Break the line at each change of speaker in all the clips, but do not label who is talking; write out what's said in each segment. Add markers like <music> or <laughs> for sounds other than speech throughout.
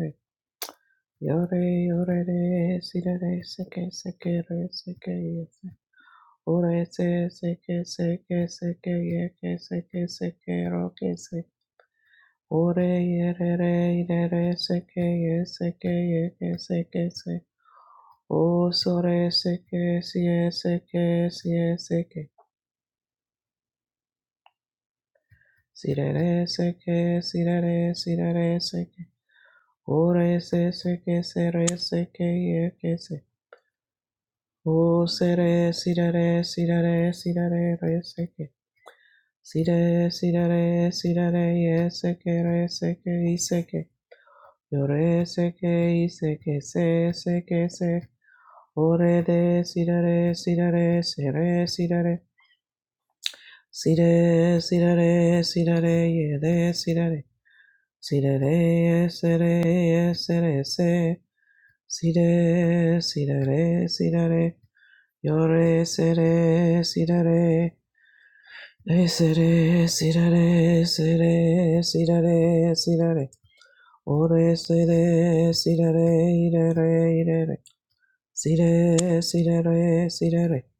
Yes, Yore, yore, re, sire re, re, seke, seke, re, seke, yes. Ore, se, seke, seke, seke, yeke, seke, seke, roke, se. Ore, yere, re, ire, re, seke, ye seke, yeke, seke, se. O, sore, seke, si, e, seke, si, e, seke. Si, re, re, seke, si, re, re, si, re, seke. Ore, se, seke, se, re, seke, yeke, se. O sere sirere sirere sirere reseke. Sire sirere sirere yeseke reseke iseke. Yore seke iseke se seke se. Ore de sirere sirere sere sirere. Sire sirere sirere yede sirere. Sirere yesere yesere se. Sire sirere sirere. Yore sere sirere. re Esere, re si sirare, sirare. Ore, sere, sirare, irare, re, si sirare, sirare.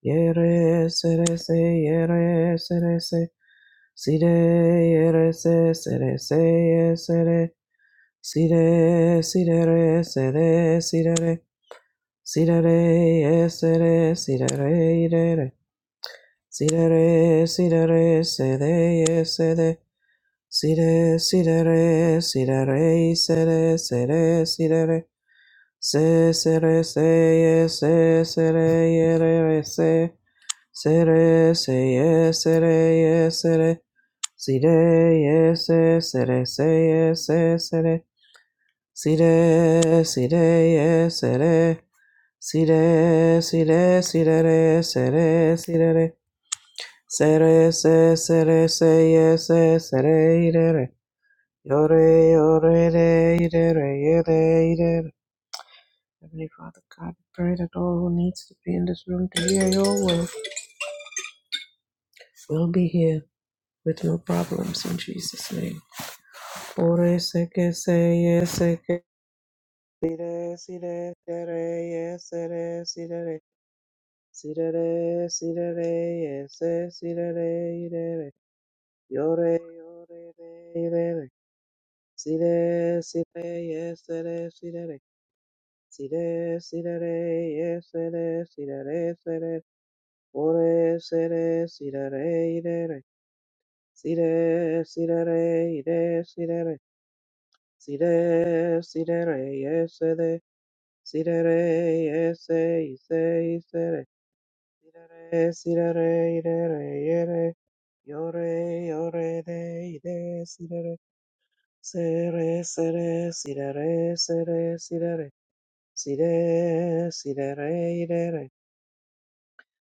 Yere, sere, se, yere, re i re re i re re. Si re si ra re si ra re. Ye re se. Sire, yere, se, sere, se, Si re ye, sere. Sire, re se ye se re. si sirare. Sirare, ye, sere, sirare, irare. re sirare, re re. Si ra re si ra re se re ye, se re. Sire, sire, re, sire, re, sire, sire, sire, re. Se, se, re, se, ye, se, se, re, ye, re, re, se. Se, re, se, ye, se, re, ye, se, re. Sire, ye, se, se, re, se, ye, se, se, re. Sire, sire, ye, se, re. Sire, sire, sire, re, se, re, sire, re. Se, re, se, se, re, se, ye, se, se, re, ire, re. Yore, yore, re, ire, re, ire, ire. Heavenly Father God, we pray that all who needs to be in this room to hear your will will be here with no problems in Jesus' name. Ore se que se ye se que ire, si re, de re, ye se re, si re re. Si re re, si re re, ye se, si re re, ire re. Yore, yore, re, ire re. Si re, si re, ye se re, si re re. Si re, si re re, ye se re, si re re se re, o re se re, si re re i re re, si re, si re re i re, si re re, si re, si re re, ye se re, si re re, ye se, i se, i se re, si re re, si re re, i re re, ye re, yo re, yo re re, i re, si re re, se re, se re, si re re, se re, si re re, si re, si re re, i re re,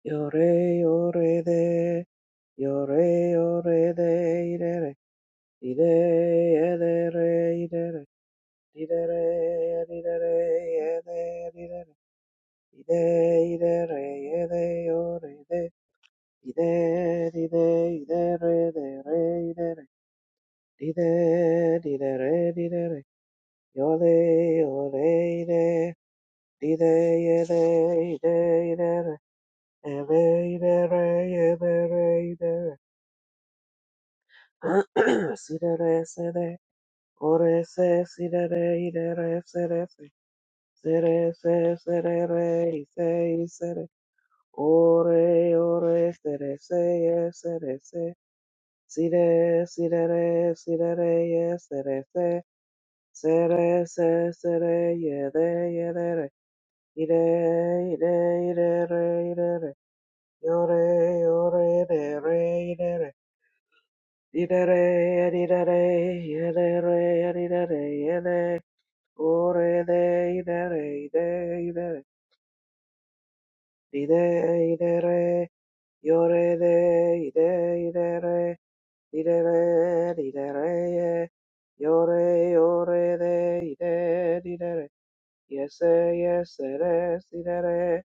Yore yore de, yore yore de, idere, ide, edere, idere, idere, idere, ede, idere, ide, idere, ede, yore de, ide, ide, idere, dere, idere, ide, didere, didere, yore, yore, ide, ide, ede, ide, idere, ede, idere, edere, idere, <clears throat> Si re re se re, o re se si re re i re re se re se, se re se se re re i se i se re, o re o re se re se ye se re se, si re si re re si re re ye se re se, se re se se re ye re ye re re, i re i re i re re i re re, yo re yo re re re i re re. Idare, idare, idare, idare, idare, ore de, idare, ide, idare, ide, idare, iore de, ide, idare, idare, idare, iore, iore de, ide, idare, yese, yese, re, sidare,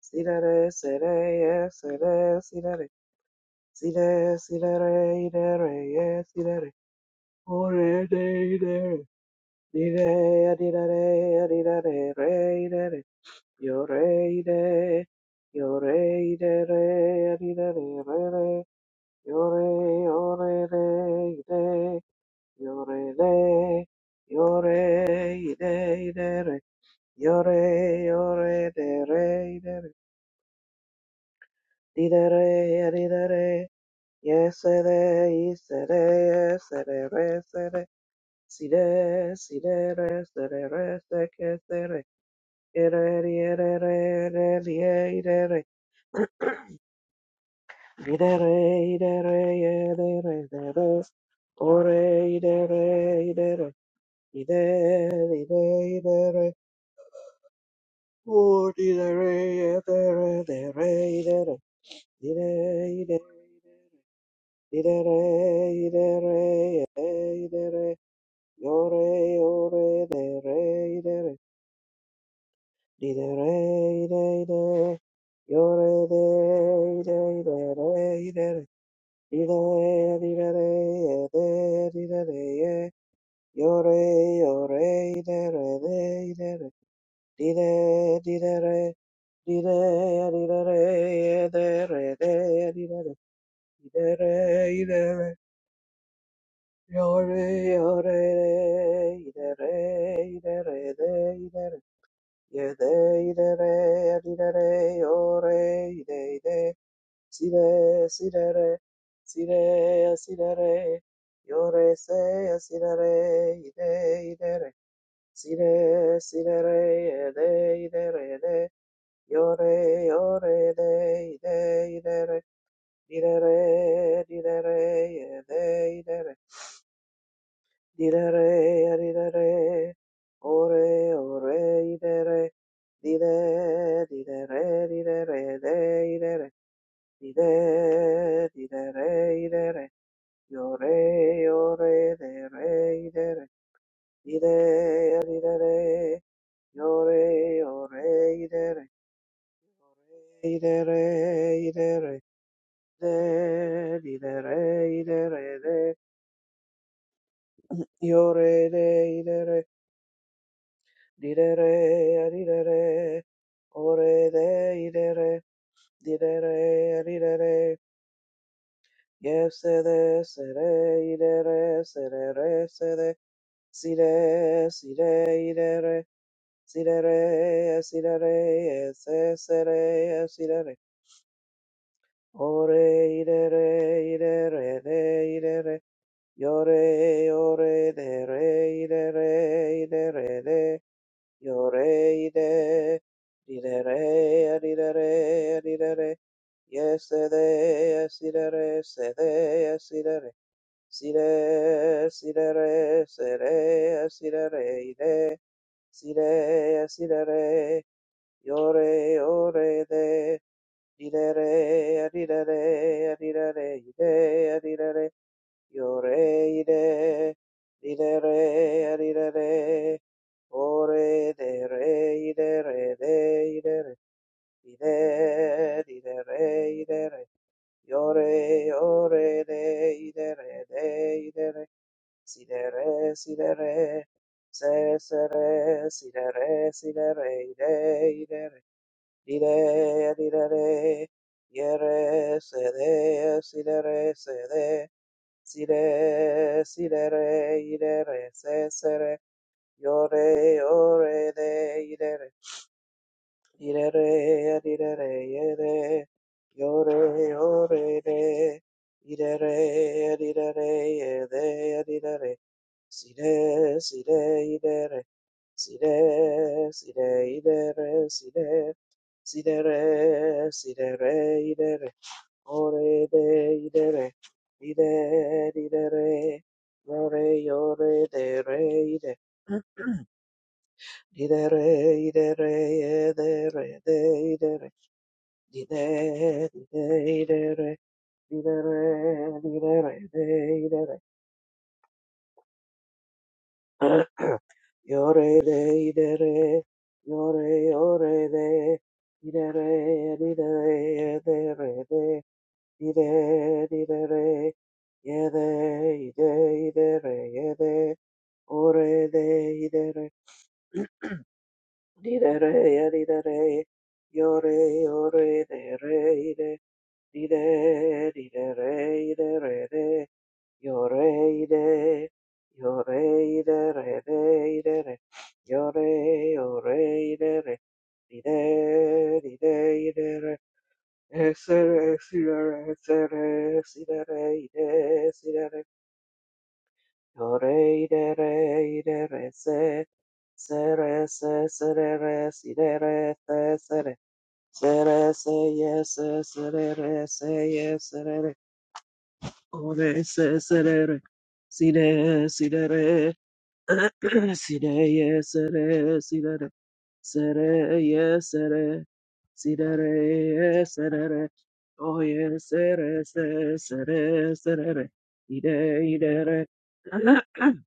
sidare, sere, yese, re, sidare, side, sidare, idare, yesidare, ore de, idare, Di re, di re, re, di re, re, re, re, re. Yo re, re. Yo re, re, re, di re, re, re, re. Yo re, yo re, re, re. Yo re, re. Yo re, re, re, re. Yo re, yo re, re, re, re, re. Di re, re, di re, re. Yes, re, yes, re, yes, re, re, re. Si re, si re, re, se re, re, que, se, Yore, Ire, dire, re, de, dire, re, ye. Yore, yore, ire, re, de, ire, re. Dire, dire, re. Dire, dire, re, ye, de, re, de, dire, re. Ire, re, ire, re. Yore, yore, re. Ire, re, ire, re, de, ire, re. Ye, de, ire, re, dire, re, yore, ire, ire. Sire, sirere, sire, sirere, yore se, sirere, ide, idere, sire, sirere, ede, idere, ede, yore, yore, ede, ide, idere, didere, didere, ede, idere, didere, didere, ore, ore, idere, dide, didere, didere, ede, idere, dide, didere, idere, Yo re, yo re, de re, i de re, i de, i de re, yo re, yo re, i de re, i de re, i de re, de, di de re, i de re, de, yo re, de, i de re, di de re, a di de re, o re, de, i de re, di de re, a di de re, Yepsede, sede, idere, sede, re, sede, side, side, idere, sidere, re, ese, sere, side, re, ore, idere, idere, de, idere, yore, ore, de, re, idere, idere, de, yore, ide, didere, didere, didere, Yes, sede, yes, idere, sede, Sire, sire, re, sere, sire, re ire, sire, sire, re, yore, yore, de, ridere, re ridere, ide, ridere, yore, ide, ridere, ridere, ore, de, re, idere, de, idere, ide, ridere, re ire, re, yore, yore, de, ire, re de, idere, Si de re, si de re, se se re, si de re, si de re, ide, ide re, di de, re, ye se de, si de re, se de, si de, si de re, ide re, se se re, yore, yore, de, ide re, ide re, di de re, ye de, yo re, yo re, de, ide re, di de re, Sire, sire, idere. Sire, sire, idere, sire. Sidere, sidere, idere. Ore de idere. Ide, idere. Ore, ore, de, re, ide. Didere, idere, edere, de, idere. Dide, dide, idere. Didere, didere, de, idere. <clears throat> Yore de idere, yore yore de, idere idere idere de, ide idere, yede ide idere yede, ore de idere, <clears throat> idere idere, yore yore de re ide, ide idere idere Yoreide, yoreide, re, deide, re, yore, yoreide, re, dide, dideide, re, esere, sire, esere, sidere, ide, sidere, yoreide, reide, re, si re es re si de re de si de re, yo re de re de re se, sere, se, sere, re, sidere, te, sere, sere, se, se re se re se yes, sere, re, re se, yes, sere, re, ore, se, sere, re, Sire, re <clears throat> Sidere, sidere, sidere, sidere, sidere, yes, sidere. Oh, yes, sidere, sidere, sidere, sidere. Ide, idere. <clears throat>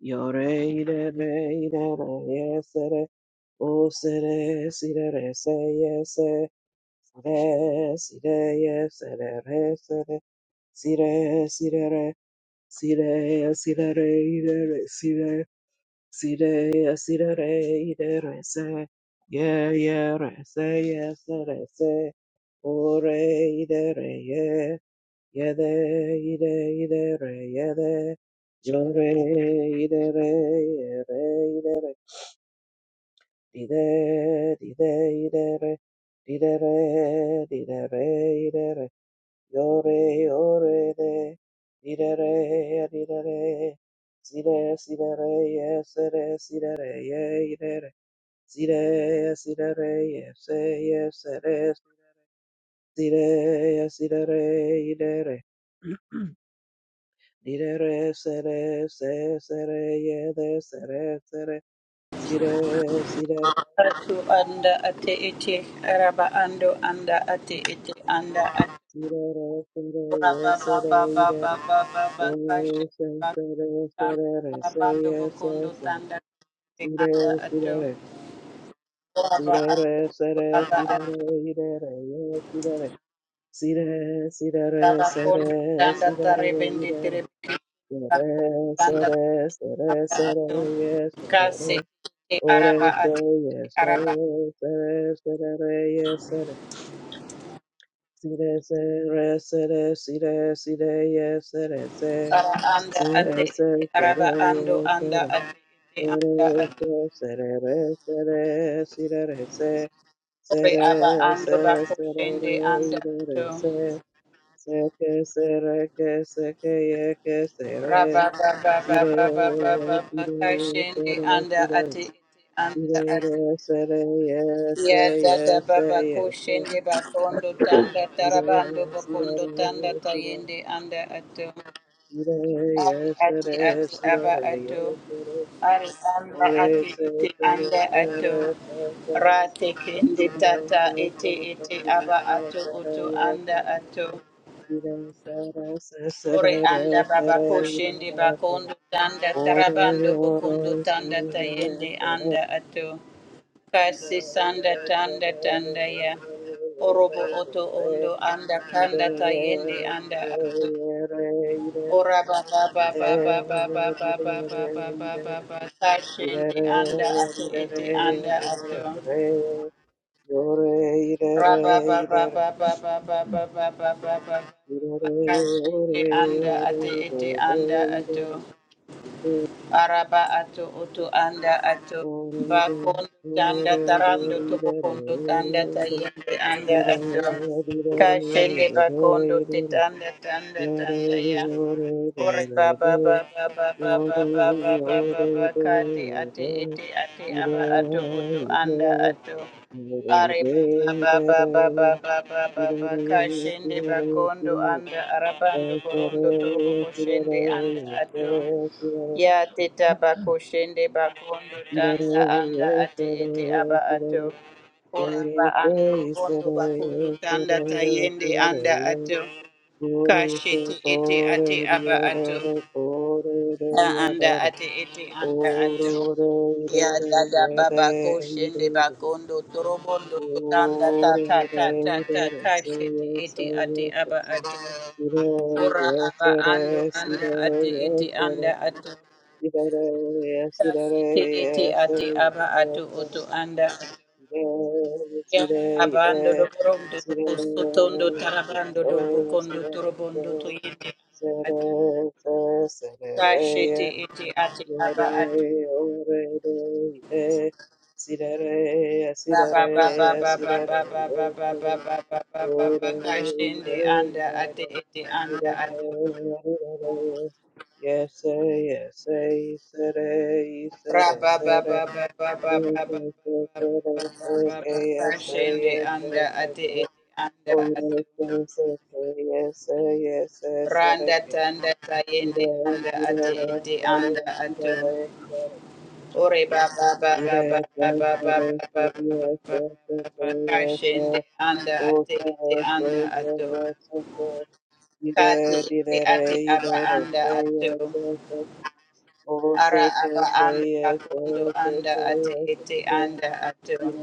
Yore, idere, idere, yes, sidere. Oh, sidere, sidere, say, yes, sidere, sire, yes, sidere, sidere, sire, sidere, sire, sidere, idere, sire Sire, sire, re, ire, re, se. Ye, ye, re, se, ye, se, re, se. O, re, ide, re, ye. Ye, de, ide, ide, re, ye, de. Yo, re, ide, re, ye, re, ide, re. Dide, dide, ide, re. Dide, re, dide, re, ide, re. Yore, yore, de, idere, idere, sire, sidere, yesere, sidere, ye, idere, sire, sidere, yese, yesere, sire, sidere, idere, <clears throat> idere, sere, se, sere, yede, sere, sere, sire, sidere,
Atu anda ate ete araba ando anda ate ete anda ate
sidere, sere,
raba ba
yesere,
ba ba ba
idere,
ba ba ba kashi
ore, se,
ba
sere,
kando
sere, re, se,
arabando bokondo
yes,
tanda te anda
Sidere,
atu
sidere,
raba atu
sidere, sere,
aba
sidere,
atu
idere, ye, sidere, sidere, sidere,
raba kondo
sere,
tanda
sidere,
tare bende
idere,
tere bende
yere,
tanda
sere, sere,
anda
sere,
atu
ye,
kasi
sere,
ete
ore,
araba
se,
ate
ye,
ete
se,
araba
sere, sere, ye, sere, sire, sere, sere, sire, sire, ye, sere, se,
ara anda ate
sere, se,
ete araba
sere,
ando
ye,
anda
sere,
ate ete anda
ore, se,
atu
sere, re, sere, sire, re, se,
Ore aba
Sere,
ando
se, sere, re,
bakushende anda ato.
ire, se, se, ke, sere, ke, se, ke, ye, ke, sere,
Raba ba ba ba
sire,
ba ba ba ba
re,
ba
sire,
kashende
re,
anda
sere,
ate ete anda
sire, re,
ato.
sire, re, sere, ye,
Ya
se, ye,
dada
se,
baba
ye, se,
kushende bakondo tanda tarabando
sire, sire,
bakondo tanda
re, sire,
tayende anda ato.
sire, ye,
Ari ate
sere,
ate
sire,
aba
re, ye,
ato.
sere, se,
Ari anda
ore,
ate
se,
ete
sere,
anda ato.
sere, se, sere, sire, se,
Rate kende tata
se,
ete
se,
ete aba
se,
ato
sere,
oto
ye,
anda
sere,
ato.
Ire, ire, ire, ire, ire, ire, ire, ire, ire, ire, re sere
Ore anda baba koshende bakondo tanda tarabando
ore ore re
bokondo
ire,
tanda tayende
ire, re
anda ato kasi sanda tanda tanda ya orobo oto ondo anda
ire, re ire,
kanda tayende anda ato ora baba
ire, se, re,
baba
re,
baba baba baba
re,
baba
ire
baba
re, ire
kashende anda ato ete anda
re, ire
ato
re, ore ire
raba
re,
baba
ire re, ire re, ore, ore, ore, ore,
baba baba baba baba baba
Yore,
kashende
yore,
anda ate
yore,
ete anda
yore, ire,
ato
yore.
araba ato oto anda ato bakondo tanda tarando tobokondo tanda tayende anda ato kashende bakondo tetanda tanda tanda ya ore baba baba baba baba baba baba kate ate ete ate aba ato oto anda ato are baba baba baba baba baba kashende bakondo anda arabando borondo torobo koshende anda ato Ya teta bako shende bakondo tanda anda ate ete aba
Thank you.
ato. Oraba
Yes,
ando robondo bakondo tanda tayende anda ato. Kashete ete ate aba ato. A anda ate ete anda ato. Ya dada baba koshende bakondo torobondo tanda ta ta ta ta ta kashete ete ate aba ato. Ora aba ando anda ate ete anda ato. Site ete ati aba atu oto anda
Yes, yes, yes,
Ya
yes,
abando doborondo do sotondo tarabando dorbokondo torobondo toyende ate sashete ete ate aba ato raba ba ba ba ba ba ba ba ba ba ba ba ba ba ba kashende anda ati ete anda atu.
yes, yes,
raba
yes,
ba
yes,
ba ba ba ba ba
Yes, yes, yes, yes, yes, okay, yes, eh,
kashende
yes,
anda
yes,
ate
okay.
ete anda
Oh,
ato
yes, yes, okay, yes, eh, yes, yes, eh,
Randa
okay.
tanda tayende
Ida,
anda
ida,
ate
ida,
ete anda
ida, ida,
ato.
ida.
Ore ba ba ba ba
Ida, yes,
ba
yes,
ba ba
yes,
ba ba ba ba
yes,
ba
yes,
ba
yes,
ba ba
okay, yes,
kashende
eh.
anda
Oh,
ate
yes,
ete anda
yes, yes,
ato.
yes, okay. Ida,
Kati
ida,
ete
ida,
ate
ida,
aba
ida, yes, yes, okay. Oh, yes, yes,
anda ato.
yes,
Ara aba anda
yes,
bakondo
yes,
anda ate
okay, yes,
ete
eh.
anda ato.
Yes,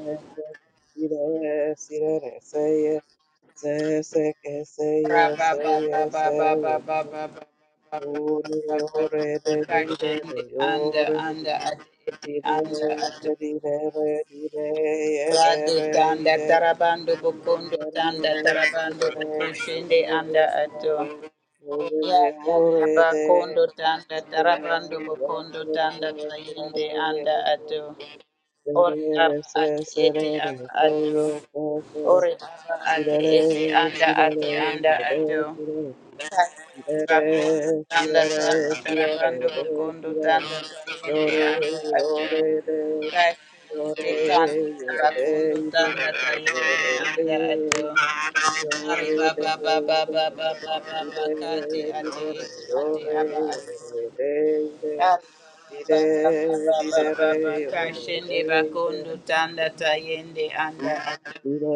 Ra ba ba ba ba ba ba ba ba ba ba ba ba ba ba ba ba kashende anda anda ate ete anda ato. Radu tanda tarabando bokondo tanda tarabando bokoshende anda ato. Ya jaga bakondo tanda tarabando bokondo tanda tayende anda ato. Ore aba ate ete aba ato. Ore aba ate ete
Sirare,
anda
sirare,
ate anda
re,
ato.
sirare, sirare,
Katundu tanda
sirare,
tanda tarabando
sirare, re,
kokondo
sirare,
tanda tarabando
yore,
anda ato
yore, de,
katundu
yore,
tanda
ye, de,
tabakondo
ide,
tanda tayende
yore, de,
anda ato ari
yore, de,
baba baba baba baba
ide,
bakati
ide,
ate
ide,
ete
re,
ate aba
yore,
ato
yore, de,
ari
ide,
baba
ide,
baba
ide,
baba baba
re, yore, de,
kashende
ide,
bakondo tanda tayende anda ato
Ire,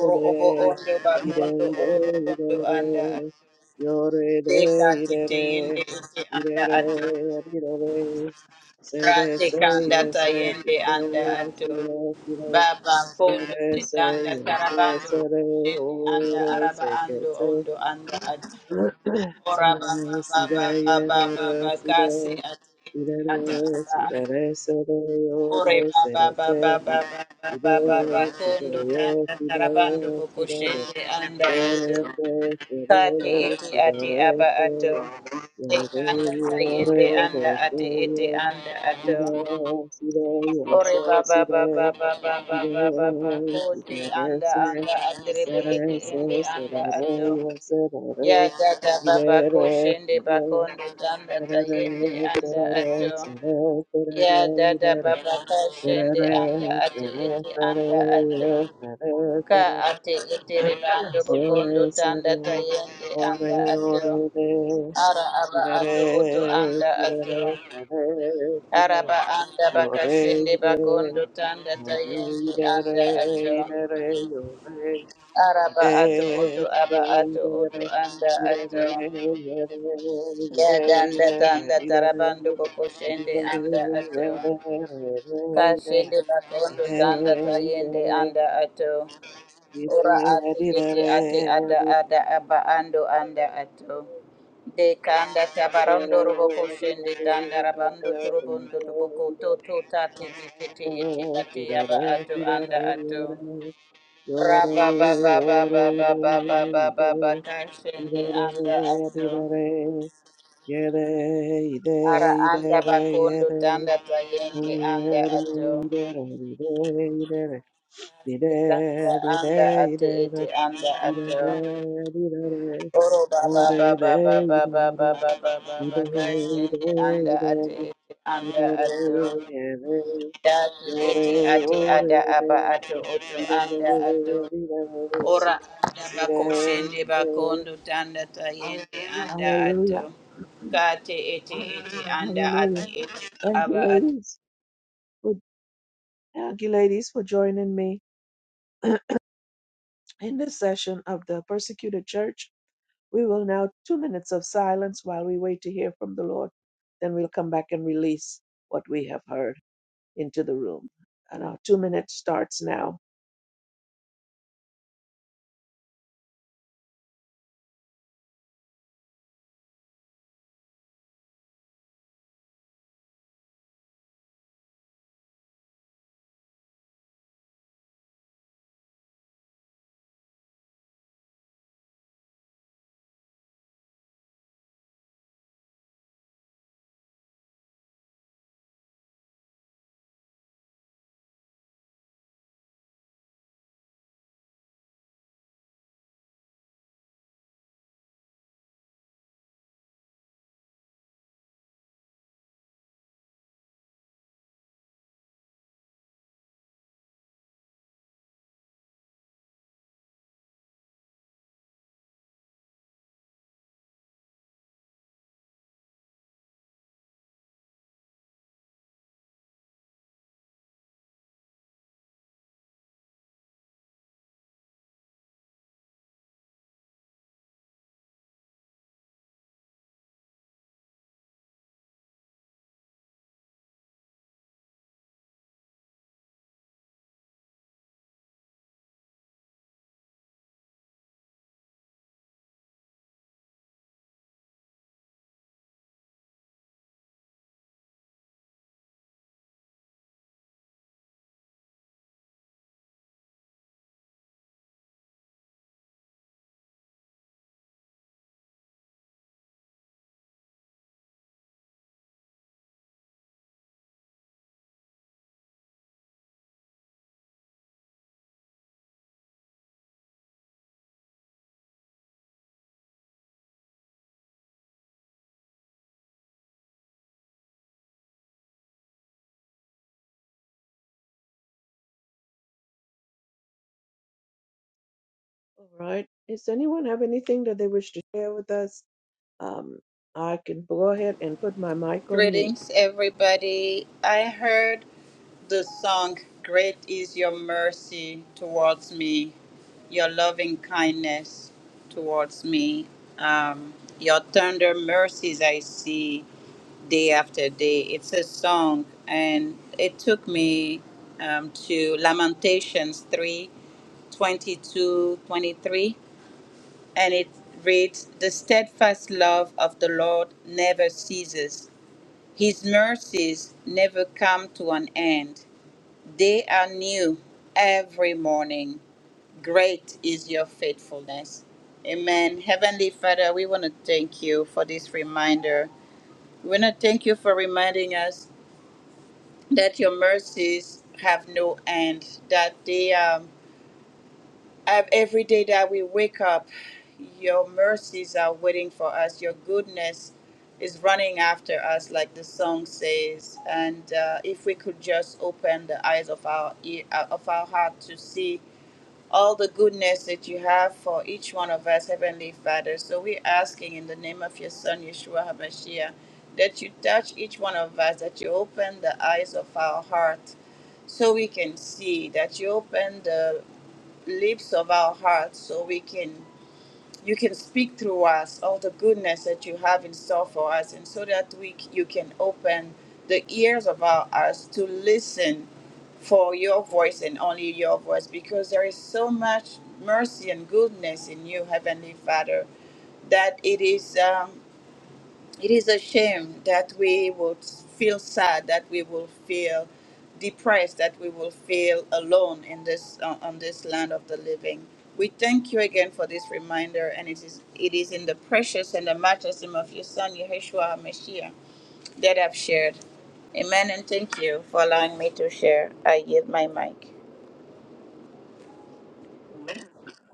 oro obo
ire,
ondo
ire,
bakondo
ire,
oro obo ondo anda
ire. Yore, de,
Deka
ire,
tete
re.
yende ete
Ire,
anda
re,
ato.
ire, re. Se, de,
Rate
se,
kanda
ye,
ta
se, ku,
yende
se,
anda
ye, se,
ato.
re, ki, re, re.
Baba kondo
re, se,
tetanda
ye, se,
tarabando
se, re, o,
kushende anda
re,
araba
se, ke,
ando
se.
ondo anda ato.
Si,
Ora baba
re, si, re,
baba
ye,
baba
re, re,
baba
si,
kasi
re.
ate
Si,
ete
re, re,
ata anda
si, re,
ato.
re, se, re, o,
Ore
re, se,
baba
re, se. si, re, si, re,
baba baba baba baba kondo
ye,
tanda
si, re,
tarabando
si, re,
kushende anda
Ore
ato.
te sere
Kati
sire
iti
se
ati aba ato.
yore
Tekanda
ore, re
sayende
se
anda
ye
ati iti anda ato.
ire sire ore,
Ore
se
baba baba
sire
baba
ire sire
baba
re
baba
ore si
koti
re re
anda
se
anda atrebe iti
sere
indi
se sere
anda
re re
ato.
ore, sere
Ya
re
gata baba
ire re
kushende
sere
bakondo tanda
sere
tayende
re
anda
sere re
ato.
sere sere
Ya dada baba
re
kashende anda
re se
ati
re
iti
se re re ire re sere re sere
anda
sere
ato.
yo sere sere re se
Ka
re
ati iti ribando bokondo
Ore
tanda
sere,
tayende
ore
anda
ore
ato.
de,
Ara aba ato oto
sirere,
anda ato.
sirere, sere, sirere,
Araba anda
yore
bakashende
ide,
bakondo tanda
yore
tayende
idere,
anda ato.
idere, yore
Araba
ide,
ato oto aba
ide,
ato oto
idere,
anda
idere, idere,
ato.
ide, idere,
Ya danda
idere,
tanda
idere, idere, idere,
tarabando
idere,
bokoshende anda ato. Kashende bakondo tanda tayende anda ato.
idere,
Ora ate
idere, idere,
ete ate ada ada aba ando anda
idere,
ato. De kanda tabarondo
Yore,
robo koshende tanda rabando turubondo toboko to to tate ete ete ate aba ato anda ato. Raba ba ba ba ba ba ba ba ba ba ba kashende anda ato. Ara anda bakondo tanda tayende anda ato. Tanda anda ate ete anda ato. Oro baba baba baba baba baba baba kashende anda ate ete anda ato
Hallelujah.
datu ete ate ada aba ato oto anda ato ora anda bako shende bakondo tanda tayende anda ato kate ete ete anda ate
Hallelujah.
ete
Thank you,
aba ato.
ladies. For, thank you, ladies, for joining me in this session of the persecuted church. We will now two minutes of silence while we wait to hear from the Lord. Then we'll come back and release what we have heard into the room. And our two minutes starts now. All right. Does anyone have anything that they wish to share with us? Um, I can go ahead and put my mic on mute.
Greetings everybody. I heard the song "Great Is Your Mercy Towards Me." your loving kindness towards me. Um, your tender mercies I see day after day. It's a song, and it took me um, to Lamentations 3 22 23, and it reads, The steadfast love of the Lord never ceases, His mercies never come to an end. They are new every morning. Great is your faithfulness. Amen. Heavenly Father, we want to thank you for this reminder. We want to thank you for reminding us that your mercies have no end, that they um, have every day that we wake up, your mercies are waiting for us, your goodness is running after us, like the song says. And uh, if we could just open the eyes of our ear, uh, of our heart to see all the goodness that you have for each one of us, Heavenly Father. So we're asking in the name of your Son, Yeshua HaMashiach, that you touch each one of us, that you open the eyes of our heart so we can see, that you open the lips of our heart so we can you can speak through us all the goodness that you have in store for us, and so that we c- you can open the ears of our us to listen for your voice and only your voice, because there is so much mercy and goodness in you, Heavenly Father, that it is. um, it is a shame that we would feel sad, that we will feel depressed, that we will feel alone in this uh, on this land of the living. We thank you again for this reminder, and it is it is in the precious and the matchless name of your Son Yeshua Mashiach that I've shared. Amen, and thank you for allowing me to share. I yield my mic.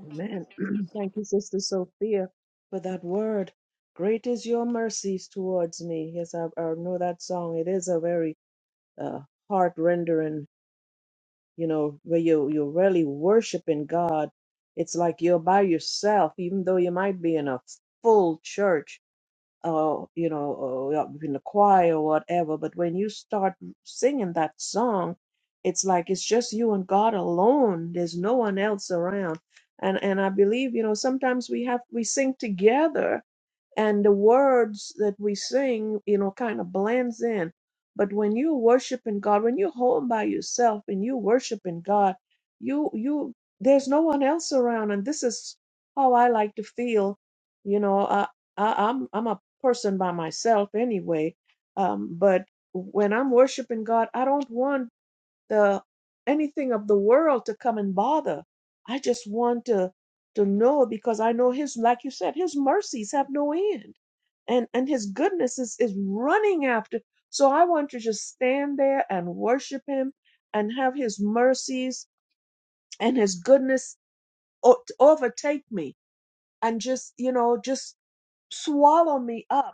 Amen. <clears throat> Thank you, Sister Sophia, for that word. Great is your mercies towards me. Yes, I, I know that song. It is a very uh, heart rendering, you know, where you, you're really worshiping God. It's like you're by yourself, even though you might be in a full church or you know or you're in the choir or whatever but when you start singing that song it's like it's just you and god alone there's no one else around and and i believe you know sometimes we have we sing together and the words that we sing, you know, kind of blends in. But when you worshiping God, when you're home by yourself and you worshiping God, you you there's no one else around, and this is how I like to feel. You know, I, I I'm I'm a person by myself anyway, um, but when I'm worshiping God, I don't want the anything of the world to come and bother. I just want to to know because I know his like you said, his mercies have no end. And and his goodness is, is running after. So I want to just stand there and worship him and have his mercies and his goodness o- to overtake me and just, you know, just swallow me up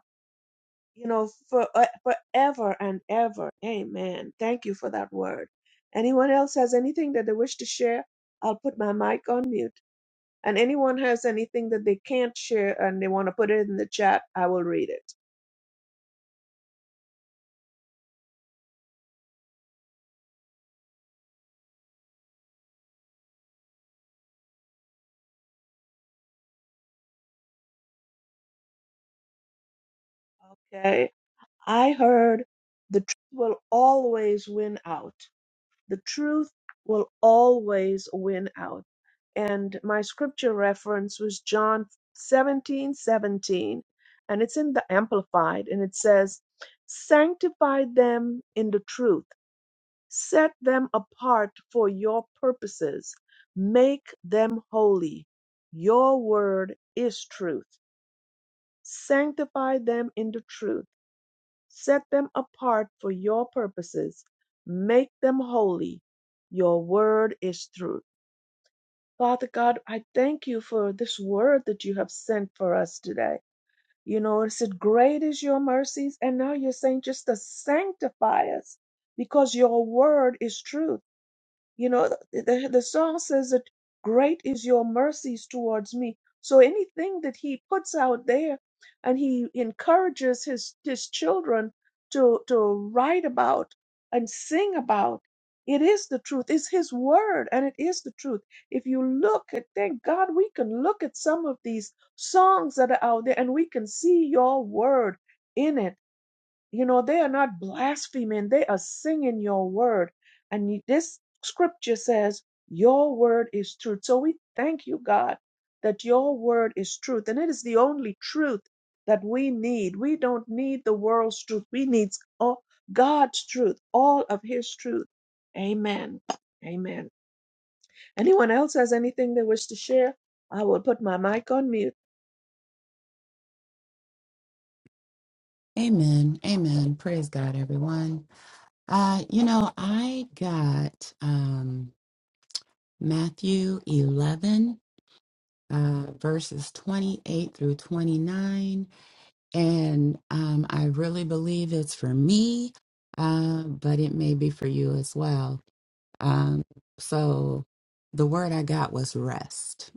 you know, for uh, forever and ever. Amen. Thank you for that word. Anyone else has anything that they wish to share? I'll put my mic on mute. And anyone has anything that they can't share and they want to put it in the chat, I will read it. Okay. I heard the truth will always win out. The truth will always win out. And my scripture reference was John 17 17, and it's in the Amplified, and it says, Sanctify them in the truth, set them apart for your purposes, make them holy. Your word is truth. Sanctify them in the truth Set them apart for your purposes. Make them holy. Your word is truth. Father God, I thank you for this word that you have sent for us today. You know, it said, Great is your mercies. And now you're saying just to sanctify us because your word is truth. You know, th- the, the song says that great is your mercies towards me. So anything that he puts out there and he encourages his, his children to, to write about and sing about, it is the truth. It's his word and it is the truth. If you look at, thank God, we can look at some of these songs that are out there and we can see your word in it you know, they are not blaspheming, they are singing your word. And you- this scripture says, Your word is truth. So we thank you, God, that your word is truth. And it is the only truth that we need. We don't need the world's truth, we need all, God's truth, all of His truth. Amen. Amen. Anyone else has anything they wish to share? I will put my mic on mute.
Amen. Amen. Praise God, everyone. Uh, you know, I got um, Matthew 11, uh, verses 28 through 29. And um, I really believe it's for me, uh, but it may be for you as well. Um, so the word I got was rest.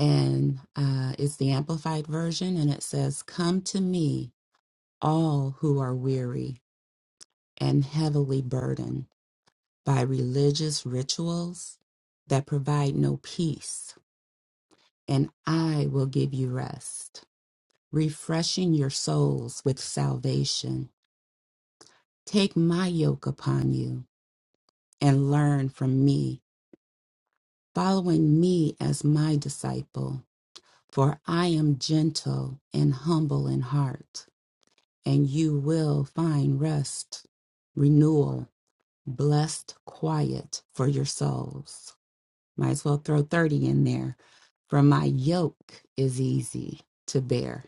And uh, it's the Amplified Version, and it says, Come to me, all who are weary and heavily burdened by religious rituals that provide no peace, and I will give you rest, refreshing your souls with salvation. Take my yoke upon you and learn from me, following me as my disciple, for I am gentle and humble in heart, and you will find rest, renewal, blessed quiet for your souls. Might as well throw 30 in there. For my yoke is easy to bear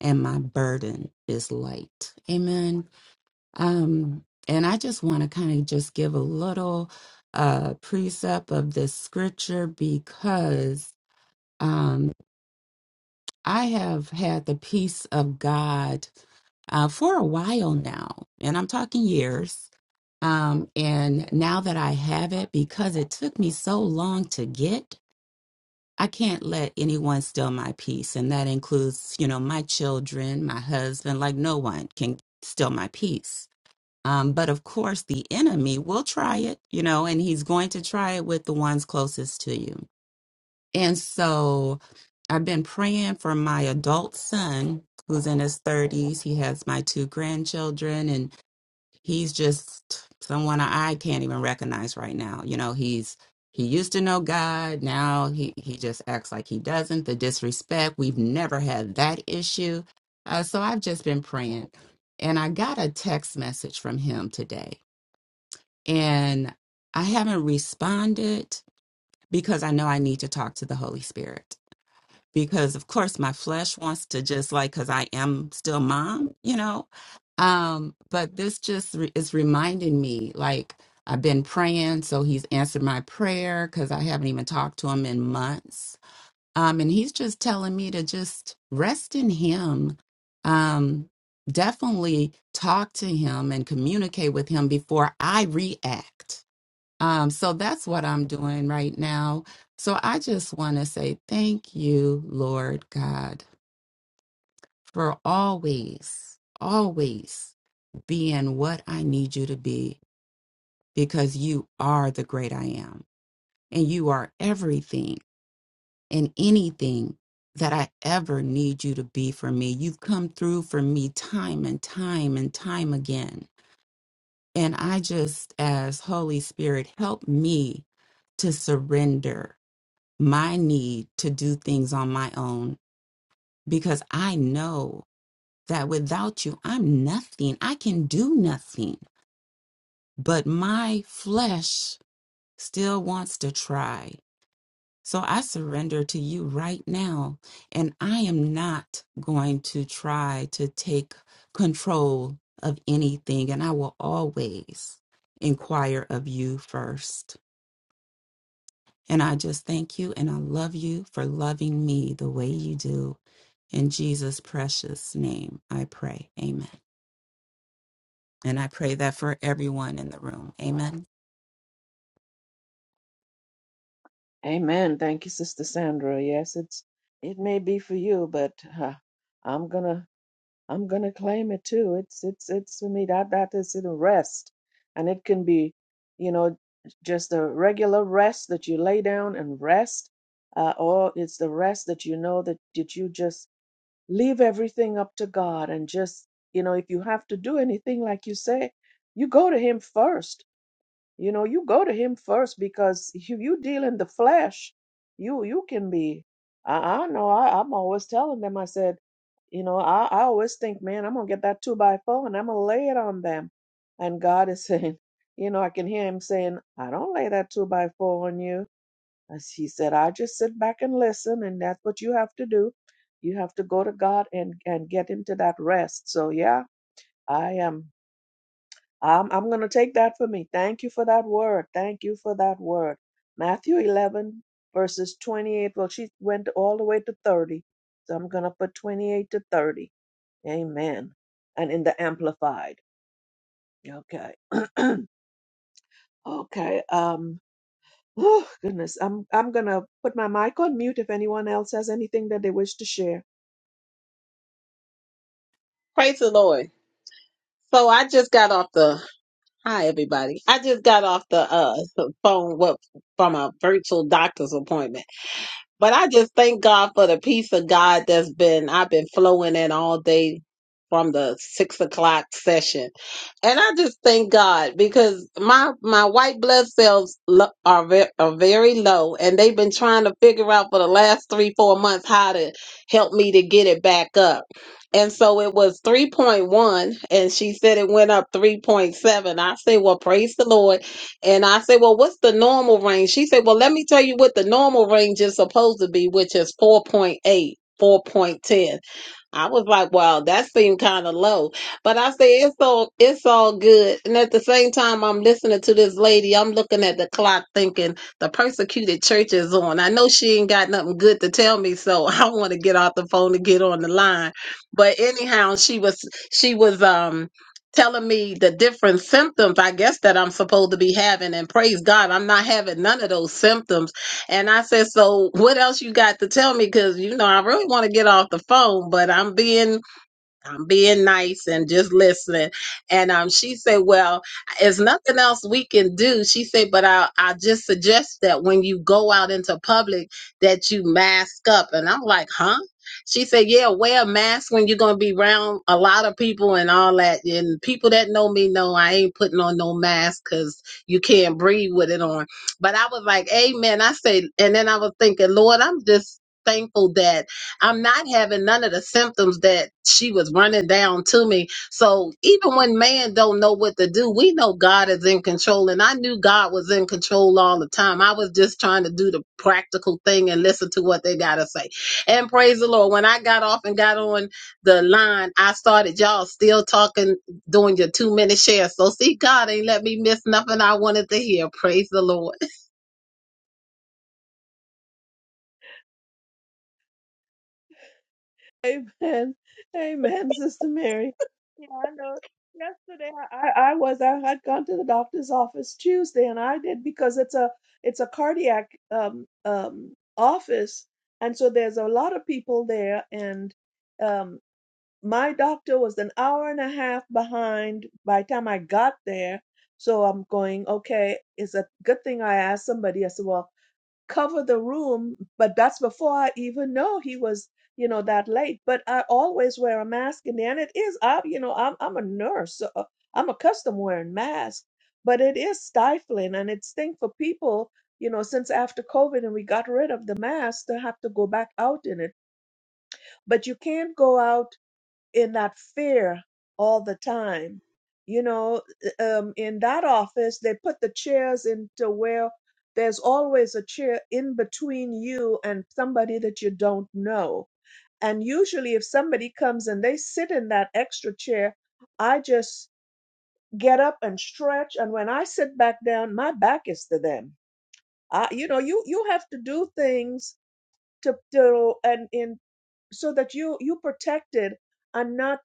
and my burden is light. Amen. Um, and I just want to kind of just give a little uh, precept of this scripture because um, I have had the peace of God uh, for a while now, and I'm talking years. Um, and now that I have it, because it took me so long to get, I can't let anyone steal my peace. And that includes, you know, my children, my husband, like no one can steal my peace. Um, but of course, the enemy will try it, you know, and he's going to try it with the ones closest to you. And so I've been praying for my adult son who's in his 30s. He has my two grandchildren, and he's just someone I can't even recognize right now. You know, he's he used to know God. Now he he just acts like he doesn't. The disrespect. We've never had that issue. Uh, so I've just been praying, and I got a text message from him today, and I haven't responded because I know I need to talk to the Holy Spirit because of course my flesh wants to just like because i am still mom you know um but this just re- is reminding me like i've been praying so he's answered my prayer because i haven't even talked to him in months um and he's just telling me to just rest in him um definitely talk to him and communicate with him before i react um, so that's what I'm doing right now. So I just want to say thank you, Lord God, for always, always being what I need you to be because you are the great I am and you are everything and anything that I ever need you to be for me. You've come through for me time and time and time again. And I just, as Holy Spirit, help me to surrender my need to do things on my own because I know that without you, I'm nothing. I can do nothing. But my flesh still wants to try. So I surrender to you right now. And I am not going to try to take control of anything. And I will always inquire of you first. And I just thank you and I love you for loving me the way you do. In Jesus' precious name, I pray. Amen. And I pray that for everyone in the room. Amen.
Amen. Thank you, Sister Sandra. Yes, it's it may be for you, but uh, I'm gonna I'm gonna claim it too. It's it's it's for me. That that is in rest, and it can be, you know, just a regular rest that you lay down and rest, uh, or it's the rest that you know that that you just leave everything up to God and just you know if you have to do anything like you say, you go to Him first you know you go to him first because if you deal in the flesh you you can be i, I know I, i'm always telling them i said you know I, I always think man i'm gonna get that two by four and i'm gonna lay it on them and god is <laughs> saying you know i can hear him saying i don't lay that two by four on you as he said i just sit back and listen and that's what you have to do you have to go to god and and get into that rest so yeah i am I'm, I'm going to take that for me. Thank you for that word. Thank you for that word. Matthew 11, verses 28. Well, she went all the way to 30. So I'm going to put 28 to 30. Amen. And in the amplified. Okay. <clears throat> okay. Um, oh, goodness. I'm, I'm going to put my mic on mute if anyone else has anything that they wish to share.
Praise the Lord. So I just got off the hi everybody. I just got off the uh phone what from a virtual doctor's appointment. But I just thank God for the peace of God that's been I've been flowing in all day from the six o'clock session. And I just thank God because my my white blood cells lo- are ve- are very low, and they've been trying to figure out for the last three four months how to help me to get it back up. And so it was three point one, and she said it went up three point seven. I said, "Well, praise the Lord." And I said, "Well, what's the normal range?" She said, "Well, let me tell you what the normal range is supposed to be, which is 4.8, 4.10." I was like, wow, that seemed kind of low. But I say it's all it's all good. And at the same time I'm listening to this lady, I'm looking at the clock thinking the persecuted church is on. I know she ain't got nothing good to tell me, so <laughs> I want to get off the phone and get on the line. But anyhow, she was she was um telling me the different symptoms I guess that I'm supposed to be having and praise God I'm not having none of those symptoms and I said, So what else you got to tell me? Because, you know, I really want to get off the phone, but I'm being I'm being nice and just listening. And um, she said, Well, it's nothing else we can do. She said, But I, I just suggest that when you go out into public that you mask up. And I'm like, Huh? She said, Yeah, wear a mask when you're going to be around a lot of people and all that. And people that know me know I ain't putting on no mask because you can't breathe with it on. But I was like, Amen. I said, And then I was thinking, Lord, I'm just thankful that. I'm not having none of the symptoms that she was running down to me. So even when man don't know what to do, we know God is in control. And I knew God was in control all the time. I was just trying to do the practical thing and listen to what they gotta say. And praise the Lord. When I got off and got on the line, I started y'all still talking, doing your two minute share. So see, God ain't let me miss nothing I wanted to hear. Praise the Lord.
Amen. Amen, Sister Mary. Yeah, I know. Yesterday I, I was I had gone to the doctor's office Tuesday and I did because it's a it's a cardiac um um office and so there's a lot of people there and um my doctor was an hour and a half behind by the time I got there. So I'm going, okay, it's a good thing I asked somebody. I said, well, cover the room, but that's before I even know he was, you know, that late. But I always wear a mask in there, and it is, I, you know, I'm I'm a nurse, so uh, I'm accustomed wearing masks, but it is stifling and it's thing for people, you know, since after COVID and we got rid of the mask to have to go back out in it. But you can't go out in that fear all the time. You know, uh, um, in that office, they put the chairs into where there's always a chair in between you and somebody that you don't know. And usually, if somebody comes and they sit in that extra chair, I just get up and stretch. And when I sit back down, my back is to them. I, you know, you you have to do things to to and in so that you you protected and not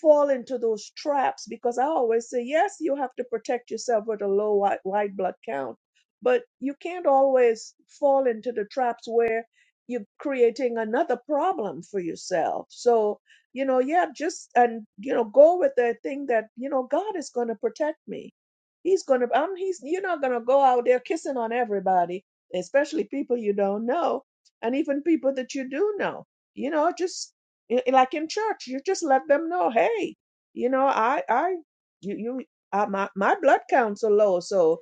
fall into those traps because i always say yes you have to protect yourself with a low white, white blood count but you can't always fall into the traps where you're creating another problem for yourself so you know yeah just and you know go with the thing that you know god is going to protect me he's going to i'm he's you're not going to go out there kissing on everybody especially people you don't know and even people that you do know you know just i- i- like in church you just let them know hey you know i i you you uh, my my blood counts are low so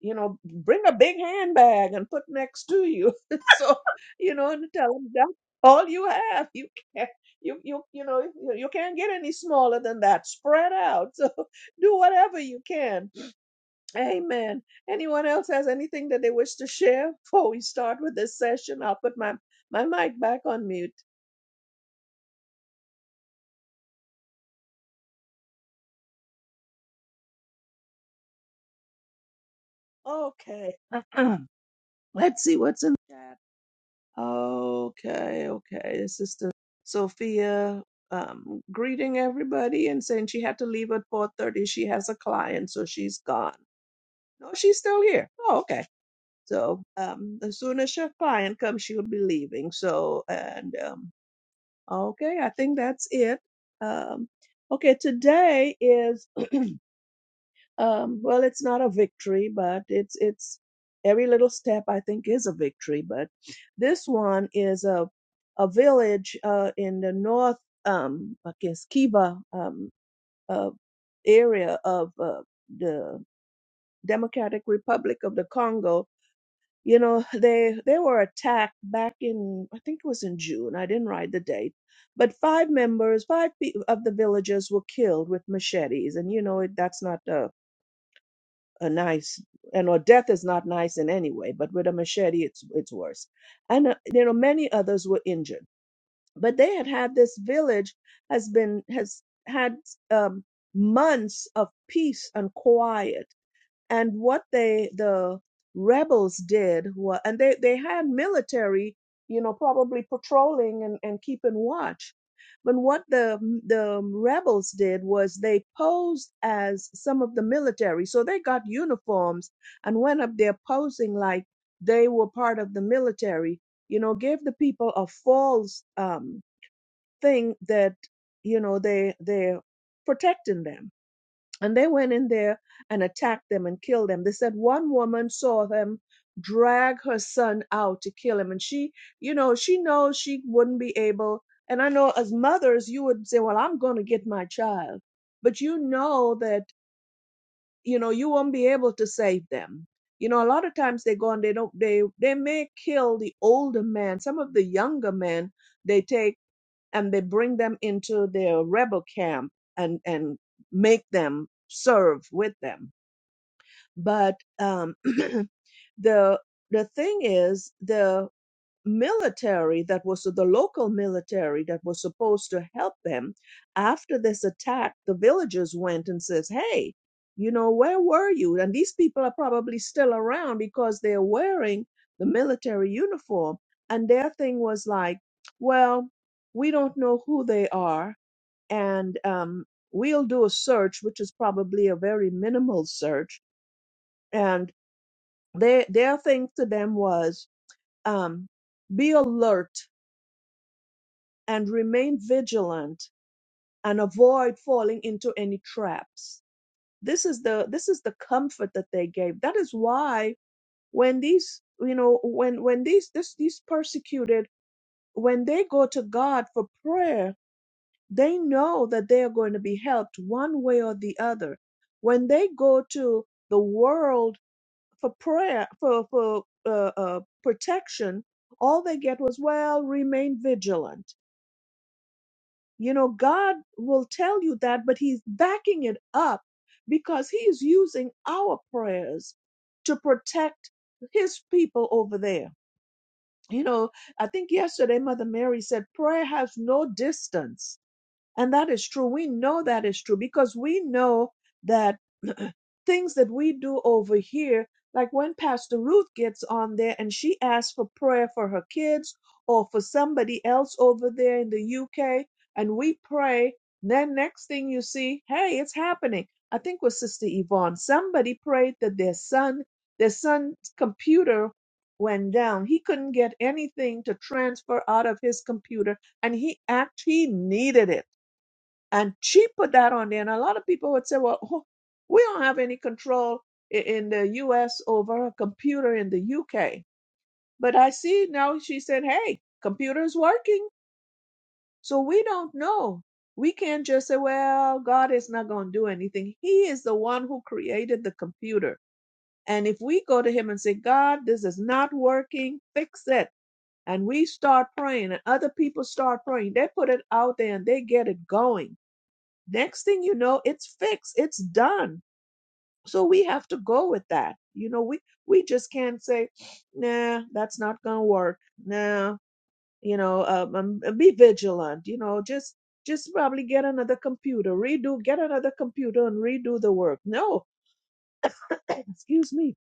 you know bring a big handbag and put next to you <laughs> so you know and tell them that's all you have you can't you you you know you, you can't get any smaller than that spread out <laughs> so do whatever you can amen anyone else has anything that they wish to share before we start with this session i'll put my my mic back on mute Okay. <clears throat> Let's see what's in the chat. Okay, okay. This is the Sophia um, greeting everybody and saying she had to leave at 4.30. She has a client, so she's gone. No, she's still here. Oh, okay. So um, as soon as her client comes, she'll be leaving. So, and um, okay, I think that's it. Um, okay, today is Um, well, it's not a victory, but it's it's every little step I think is a victory. But this one is a a village uh, in the north, um, I guess Kiva um, uh, area of uh, the Democratic Republic of the Congo. You know, <laughs> they they were attacked back in I think it was in June. I didn't write the date, but five members, five pe- of the villagers were killed with machetes, and you know it, that's not. a a nice and or death is not nice in any way but with a machete it's it's worse and uh, you know many others were injured but they had had this village has been has had um, months of peace and quiet and what they the rebels did was and they they had military you know probably patrolling and, and keeping watch but what the the rebels did was they posed as some of the military so they got uniforms and went up there posing like they were part of the military you know gave the people a false um thing that you know they they're protecting them and they went in there and attacked them and killed them. They said one woman saw them drag her son out to kill him. And she, you know, she knows she wouldn't be able. And I know as mothers, you would say, Well, I'm going to get my child. But you know that, you know, you won't be able to save them. You know, a lot of times they go and they don't, they, they may kill the older man. Some of the younger men they take and they bring them into their rebel camp and and make them serve with them but um <clears throat> the the thing is the military that was the local military that was supposed to help them after this attack the villagers went and says hey you know where were you and these people are probably still around because they're wearing the military uniform and their thing was like well we don't know who they are and um, we'll do a search which is probably a very minimal search and they, their thing to them was um, be alert and remain vigilant and avoid falling into any traps this is the this is the comfort that they gave that is why when these you know when when these this these persecuted when they go to god for prayer they know that they are going to be helped one way or the other when they go to the world for prayer for for uh, uh, protection all they get was well remain vigilant You know, God will tell you that, but He's backing it up because He is using our prayers to protect His people over there. You know, I think yesterday Mother Mary said prayer has no distance and that is true. We know that is true because we know that <clears throat> things that we do over here, like when Pastor Ruth gets on there and she asks for prayer for her kids or for somebody else over there in the UK, and we pray, then next thing you see, hey, it's happening. I think with Sister Yvonne, somebody prayed that their son, their son's computer went down. He couldn't get anything to transfer out of his computer, and he act he needed it and she put that on there. And a lot of people would say, well, <laughs> oh, we don't have any control i- in the US over a computer in the UK. But I see now she said, hey, computer's working. So we don't know. We can't just say, well, God is not going to do anything. He is the one who created the computer. And if we go to him and say, God, this is not working, fix it. And we start praying and other people start praying. They put it out there and they get it going next thing you know it's fixed it's done so we have to go with that you know we we just can't say nah that's not gonna work nah you know um, um, uh, be vigilant you know just just probably get another computer redo get another computer and redo the work no <clears throat> excuse me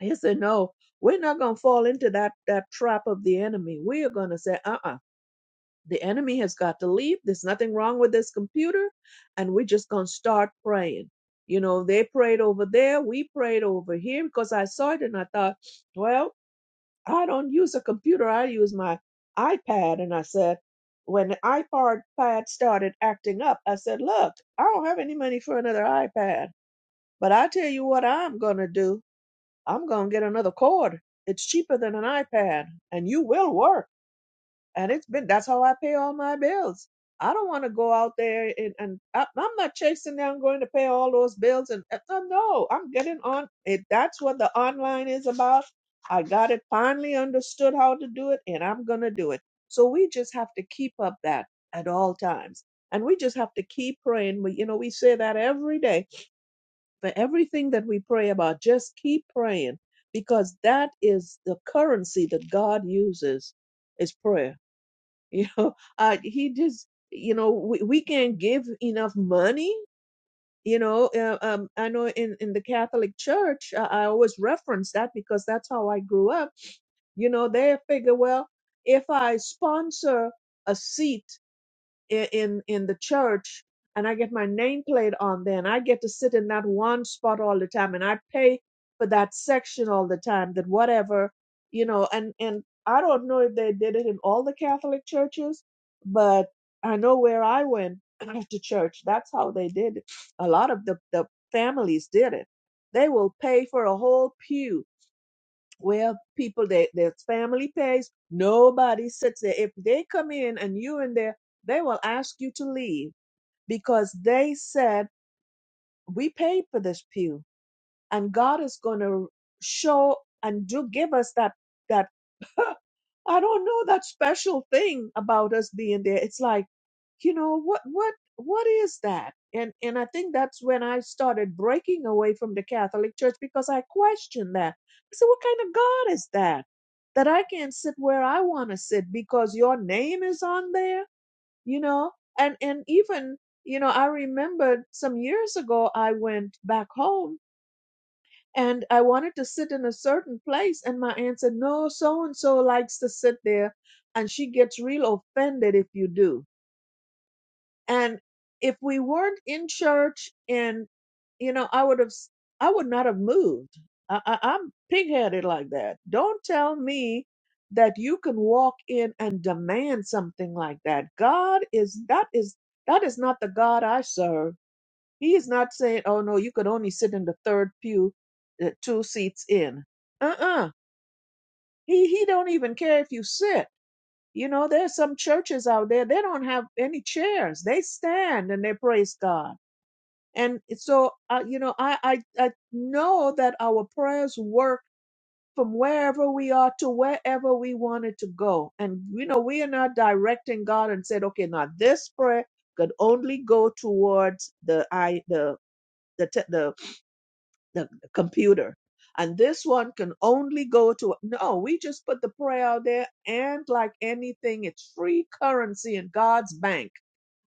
i said no we're not gonna fall into that that trap of the enemy we are gonna say uh-uh The enemy has got to leave. There's nothing wrong with this computer. And we're just going to start praying. You know, they prayed over there. We prayed over here because I saw it and I thought, well, I don't use a computer. I use my iPad. And I said, when the iPod pad started acting up, I said, look, I don't have any money for another iPad. But I tell you what I'm going to do. I'm going to get another cord. It's cheaper than an iPad and you will work and it's been that's how I pay all my bills. I don't want to go out there and, and I, I'm not chasing down going to pay all those bills and uh, uh, no, I'm getting on. If that's what the online is about, I got it finally understood how to do it and I'm gonna do it. So we just have to keep up that at all times. And we just have to keep praying. We, you know, we say that every day for everything that we pray about. Just keep praying because that is the currency that God uses is prayer you know <laughs> uh he just you know we, we can not give enough money you know uh, um i know in in the catholic church I, I always reference that because that's how i grew up you know they figure well if i sponsor a seat i- in in the church and I get my nameplate on there and I get to sit in that one spot all the time and I pay for that section all the time that whatever you know and and I don't know if they did it in all the Catholic churches but I know where I went <clears throat> to church that's how they did it a lot of the the families did it they will pay for a whole pew where people, they, their family pays. Nobody sits there. If they come in and you in there, they will ask you to leave because they said, we paid for this pew and God is going to show and do give us that that <laughs> I don't know that special thing about us being there. It's like, you know, what what what is that? And and I think that's when I started breaking away from the Catholic Church because I questioned that. I said, what kind of God is that? That I can't sit where I want to sit because your name is on there, you know? And and even, you know, I remembered some years ago I went back home and I wanted to sit in a certain place. And my aunt said, No, so and so likes to sit there, and she gets real offended if you do. And if we weren't in church, and you know, I would have, s- I would not have moved. I, I, I'm pigheaded like that. Don't tell me that you can walk in and demand something like that. God is that is that is not the God I serve he is not saying, oh no, you could only sit in the third pew, uh, two seats in. Uh-uh. He he don't even care if you sit. You know, there's some churches out there they don't have any chairs. They stand and they praise God. And so, uh, you know, I, I I know that our prayers work from wherever we are to wherever we wanted to go. And you know, we are not directing God and said, okay, now this prayer could only go towards the I the the te- the the the computer. And this one can only go to, no, we just put the prayer out there. And like anything, it's free currency in God's bank.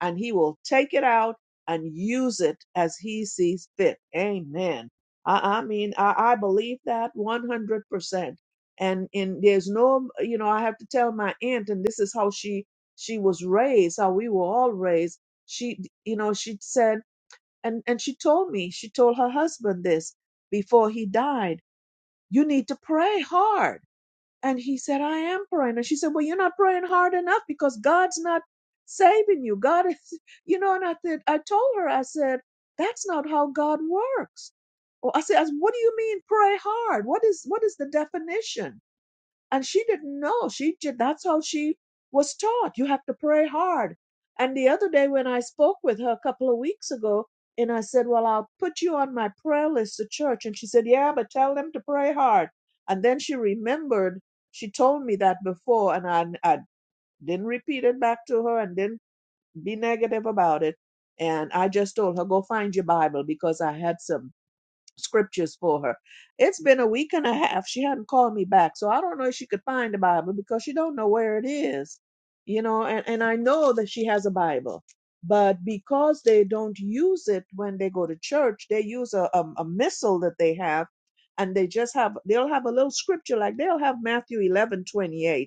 And He will take it out and use it as He sees fit. Amen. I, I mean, I, I believe that 100%. And, and there's no, you know, I have to tell my aunt, and this is how she, she was raised, how we were all raised. She, you know, she said, and and she told me she told her husband this before he died you need to pray hard and he said i am praying and she said well you're not praying hard enough because god's not saving you god is <laughs> you know and i said i told her i said that's not how god works well, i said what do you mean pray hard what is what is the definition and she didn't know. She did, that's how she was taught. You have to pray hard. And the other day when I spoke with her a couple of weeks ago, and I said, Well, I'll put you on my prayer list at church. And she said, Yeah, but tell them to pray hard. And then she remembered she told me that before, and I, I didn't repeat it back to her and didn't be negative about it. And I just told her, Go find your Bible because I had some scriptures for her. It's been a week and a half. She hadn't called me back. So I don't know if she could find the Bible because she don't know where it is. You know, and, and I know that she has a Bible. But because they don't use it when they go to church, they use a, a, a missile that they have and they just have they'll have a little scripture like they'll have Matthew eleven twenty eight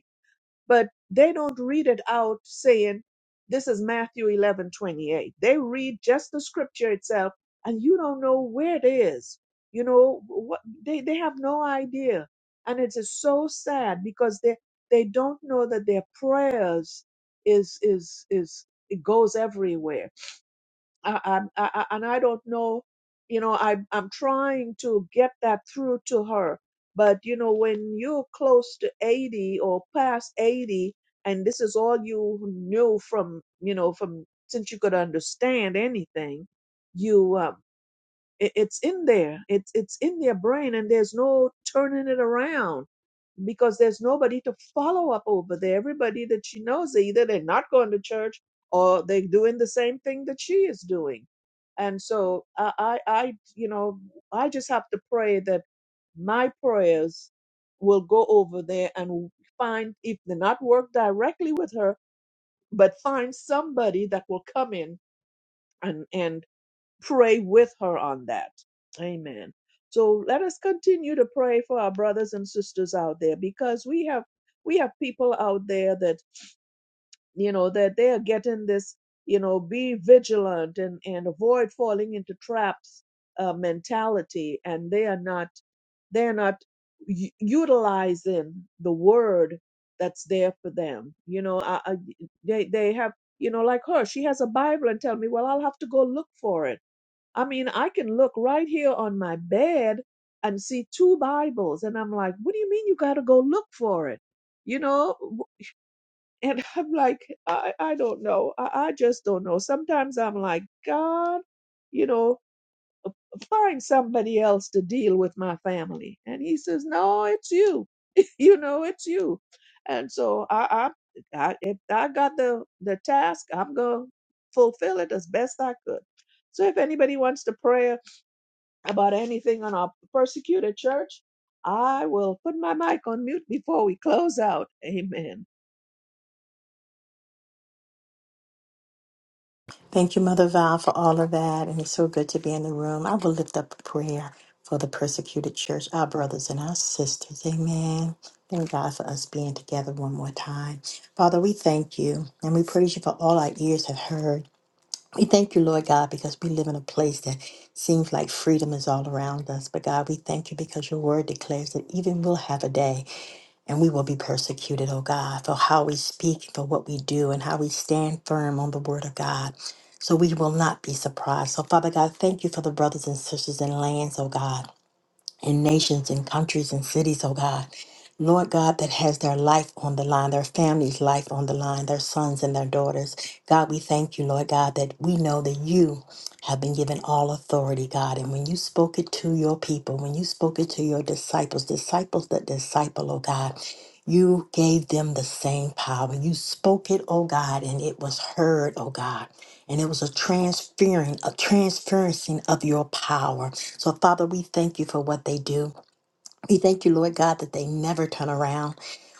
but they don't read it out saying this is Matthew 11 28. They read just the scripture itself and you don't know where it is. You know what they, they have no idea. And it is so sad because they they don't know that their prayers is is is it goes everywhere I, I'm- I, I, and I don't know, you know, I, I'm trying to get that through to her. But, you know, when you're close to 80 or past 80, and this is all you knew from, you know, from since you could understand anything, you, uh, it, it's in there. It's it's in their brain, and there's no turning it around because there's nobody to follow up over there. Everybody that she knows, either they're not going to church or they're doing the same thing that she is doing. And so I, I, I you know, I just have to pray that my prayers will go over there and find if they not work directly with her, but find somebody that will come in and and pray with her on that. Amen. So let us continue to pray for our brothers and sisters out there because we have we have people out there that you know that they are getting this you know be vigilant and and avoid falling into traps uh, mentality and they are not they are not u- utilizing the word that's there for them you know I, I, they they have you know like her she has a bible and tell me well I'll have to go look for it I mean, I can look right here on my bed and see two Bibles. And I'm like, what do you mean you got to go look for it? You know? W- And <laughs> I'm like, I, I don't know. I, I just don't know. Sometimes I'm like, God, you know, find somebody else to deal with my family. And he says, no, it's you. <laughs> you know, it's you. And so I, I, I, if I got the, the task, I'm going to fulfill it as best I could. So if anybody wants to pray about anything on our persecuted church, I will put my mic on mute before we close out. Amen.
Thank you, Mother Val, for all of that. And it's so good to be in the room. I will lift up a prayer for the persecuted church, our brothers and our sisters. Amen. Thank God for us being together one more time. Father, we thank you and we praise you for all our ears have heard. We thank you, Lord God, because we live in a place that seems like freedom is all around us. But God, we thank you because your word declares that even we'll have a day and we will be persecuted, oh God, for how we speak, for what we do, and how we stand firm on the word of God. So we will not be surprised. So, Father God, thank you for the brothers and sisters in lands, oh God and nations and countries and cities, oh God. Lord God, that has their life on the line, their family's life on the line, their sons and their daughters. God, we thank you, Lord God, that we know that you have been given all authority, God. And when you spoke it to your people, when you spoke it to your disciples, disciples that disciple, oh God, you gave them the same power. You spoke it, oh God, and it was heard, oh God. And it was a transferring, a transferencing of your power. So, Father, we thank you for what they do. We thank you, Lord God, that they never turn around.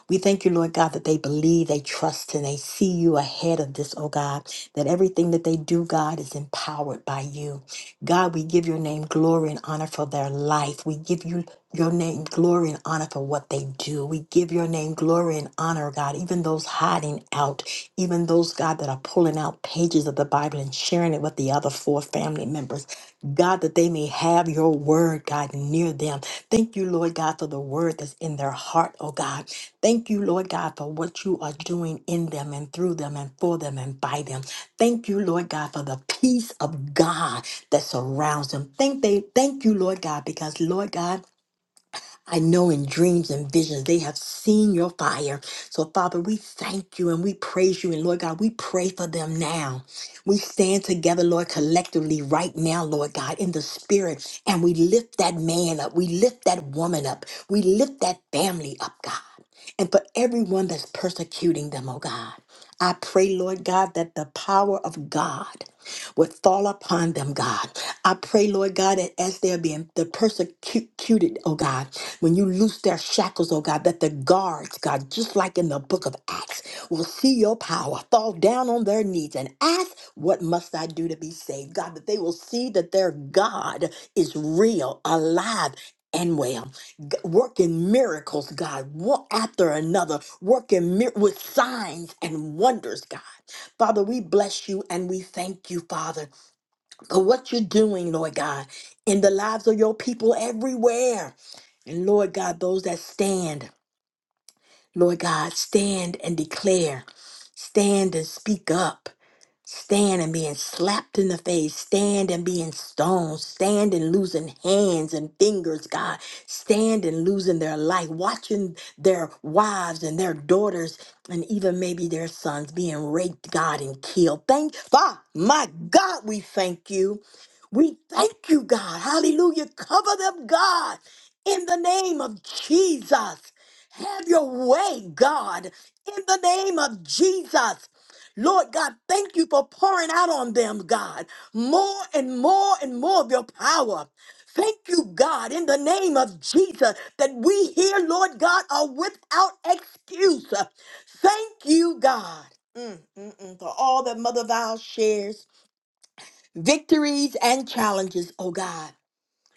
We thank you, Lord God, that they believe, they trust, and they see you ahead of this, oh God, that everything that they do, God, is empowered by you. God, we give your name glory and honor for their life. We give you your name glory and honor for what they do. We give your name glory and honor, God, even those hiding out, even those, God, that are pulling out pages of the Bible and sharing it with the other four family members. God, that they may have your word, God, near them. Thank you, Lord God, for the word that's in their heart, oh God. Thank you, Lord God, for what you are doing in them and through them and for them and by them. Thank you, Lord God, for the peace of God that surrounds them. Thank they thank you, Lord God, because Lord God. I know in dreams and visions they have seen your fire. So, Father, we thank you and we praise you. And Lord God, we pray for them now. We stand together, Lord, collectively right now, Lord God, in the spirit, and we lift that man up. We lift that woman up. We lift that family up, God. And for everyone that's persecuting them, oh God, I pray, Lord God, that the power of God would fall upon them, God. I pray, Lord God, that as they're being the persecuted, oh God. When you loose their shackles, oh God, that the guards, God, just like in the book of Acts, will see your power, fall down on their knees and ask, What must I do to be saved? God, that they will see that their God is real, alive, and well. G- Working miracles, God, one after another, working mir- with signs and wonders, God. Father, we bless you and we thank you, Father, for what you're doing, Lord God, in the lives of your people everywhere. And Lord God, those that stand, Lord God, stand and declare, stand and speak up. Stand and being slapped in the face. Stand and being stoned. Stand and losing hands and fingers, God. Stand and losing their life. Watching their wives and their daughters and even maybe their sons being raped, God, and killed. Thank, Father, my God, we thank you. We thank you, God. Hallelujah. Cover them, God, in the name of Jesus. Have your way, God, in the name of Jesus. Lord God, thank you for pouring out on them, God, more and more and more of your power. Thank you, God, in the name of Jesus, that we here, Lord God, are without excuse. Thank you, God, Mm, mm, mm, for all that Mother Val shares, victories and challenges, oh God.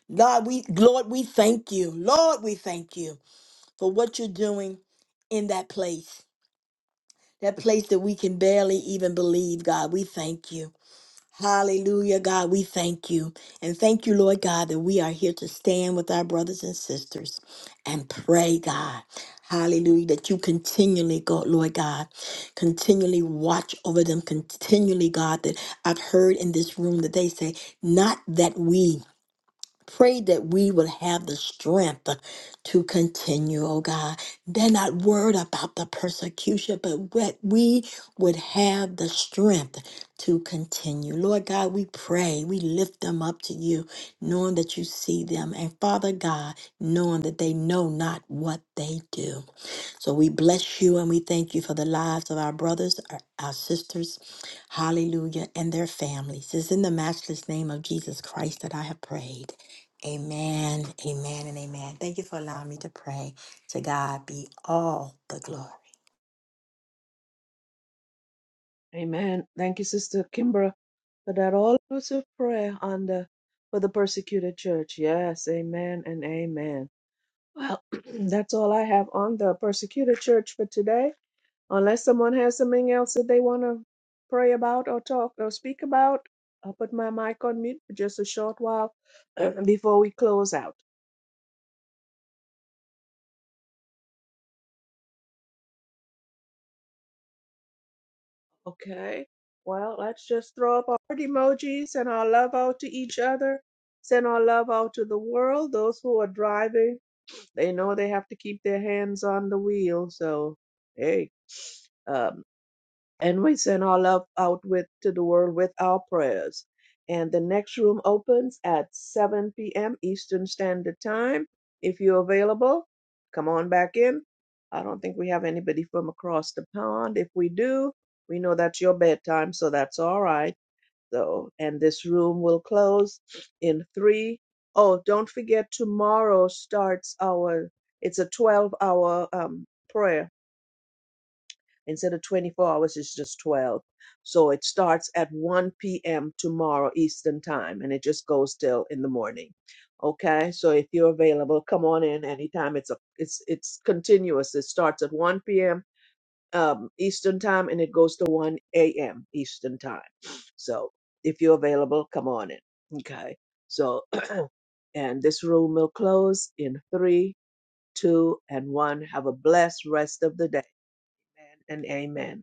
Lord, we Lord, we thank you. Lord, we thank you for what you're doing in that place. That place that we can barely even believe, God. We thank you. Hallelujah, God. We thank you. And thank you, Lord God, that we are here to stand with our brothers and sisters and pray, God. Hallelujah, that you continually, God, Lord God, continually watch over them, continually, God, that I've heard in this room that they say, not that we Pray that we would have the strength to continue, oh God. They're not worried about the persecution, but that we would have the strength to continue. Lord God, we pray, we lift them up to you, knowing that you see them. And Father God, knowing that they know not what they do. So we bless you and we thank you for the lives of our brothers, our, our sisters, hallelujah, and their families. It's in the matchless name of Jesus Christ that I have prayed. Amen, amen, and amen. Thank you for allowing me to pray. To God be all the glory.
Amen. Thank you, Sister Kimbra, for that all inclusive prayer on the for the persecuted church. Yes, amen and amen. Well, <clears throat> that's all I have on the persecuted church for today. Unless someone has something else that they want to pray about or talk or speak about, I'll put my mic on mute for just a short while <clears throat> before we close out. Okay. Well, let's just throw up our heart emojis and our love out to each other. Send our love out to the world. Those who are driving, they know they have to keep their hands on the wheel. So, hey, uh, and we send our love out with to the world with our prayers. And the next room opens at 7 p.m. Eastern Standard Time. If you're available, come on back in. I don't think we have anybody from across the pond. If we do, we know that's your bedtime, so that's all right. So, and this room will close in three. Oh, don't forget tomorrow starts our. It's a 12-hour um, prayer Instead of 24 hours, it's just 12. So it starts at 1 p.m. tomorrow Eastern time and it just goes till in the morning. Okay, so if you're available, come on in anytime. It's a it's it's continuous. It starts at 1 p.m. Um, Eastern time and it goes to 1 a.m. Eastern time. So if you're available, come on in. Okay. So <clears throat> and this room will close in three, two, and one. Have a blessed rest of the day and amen.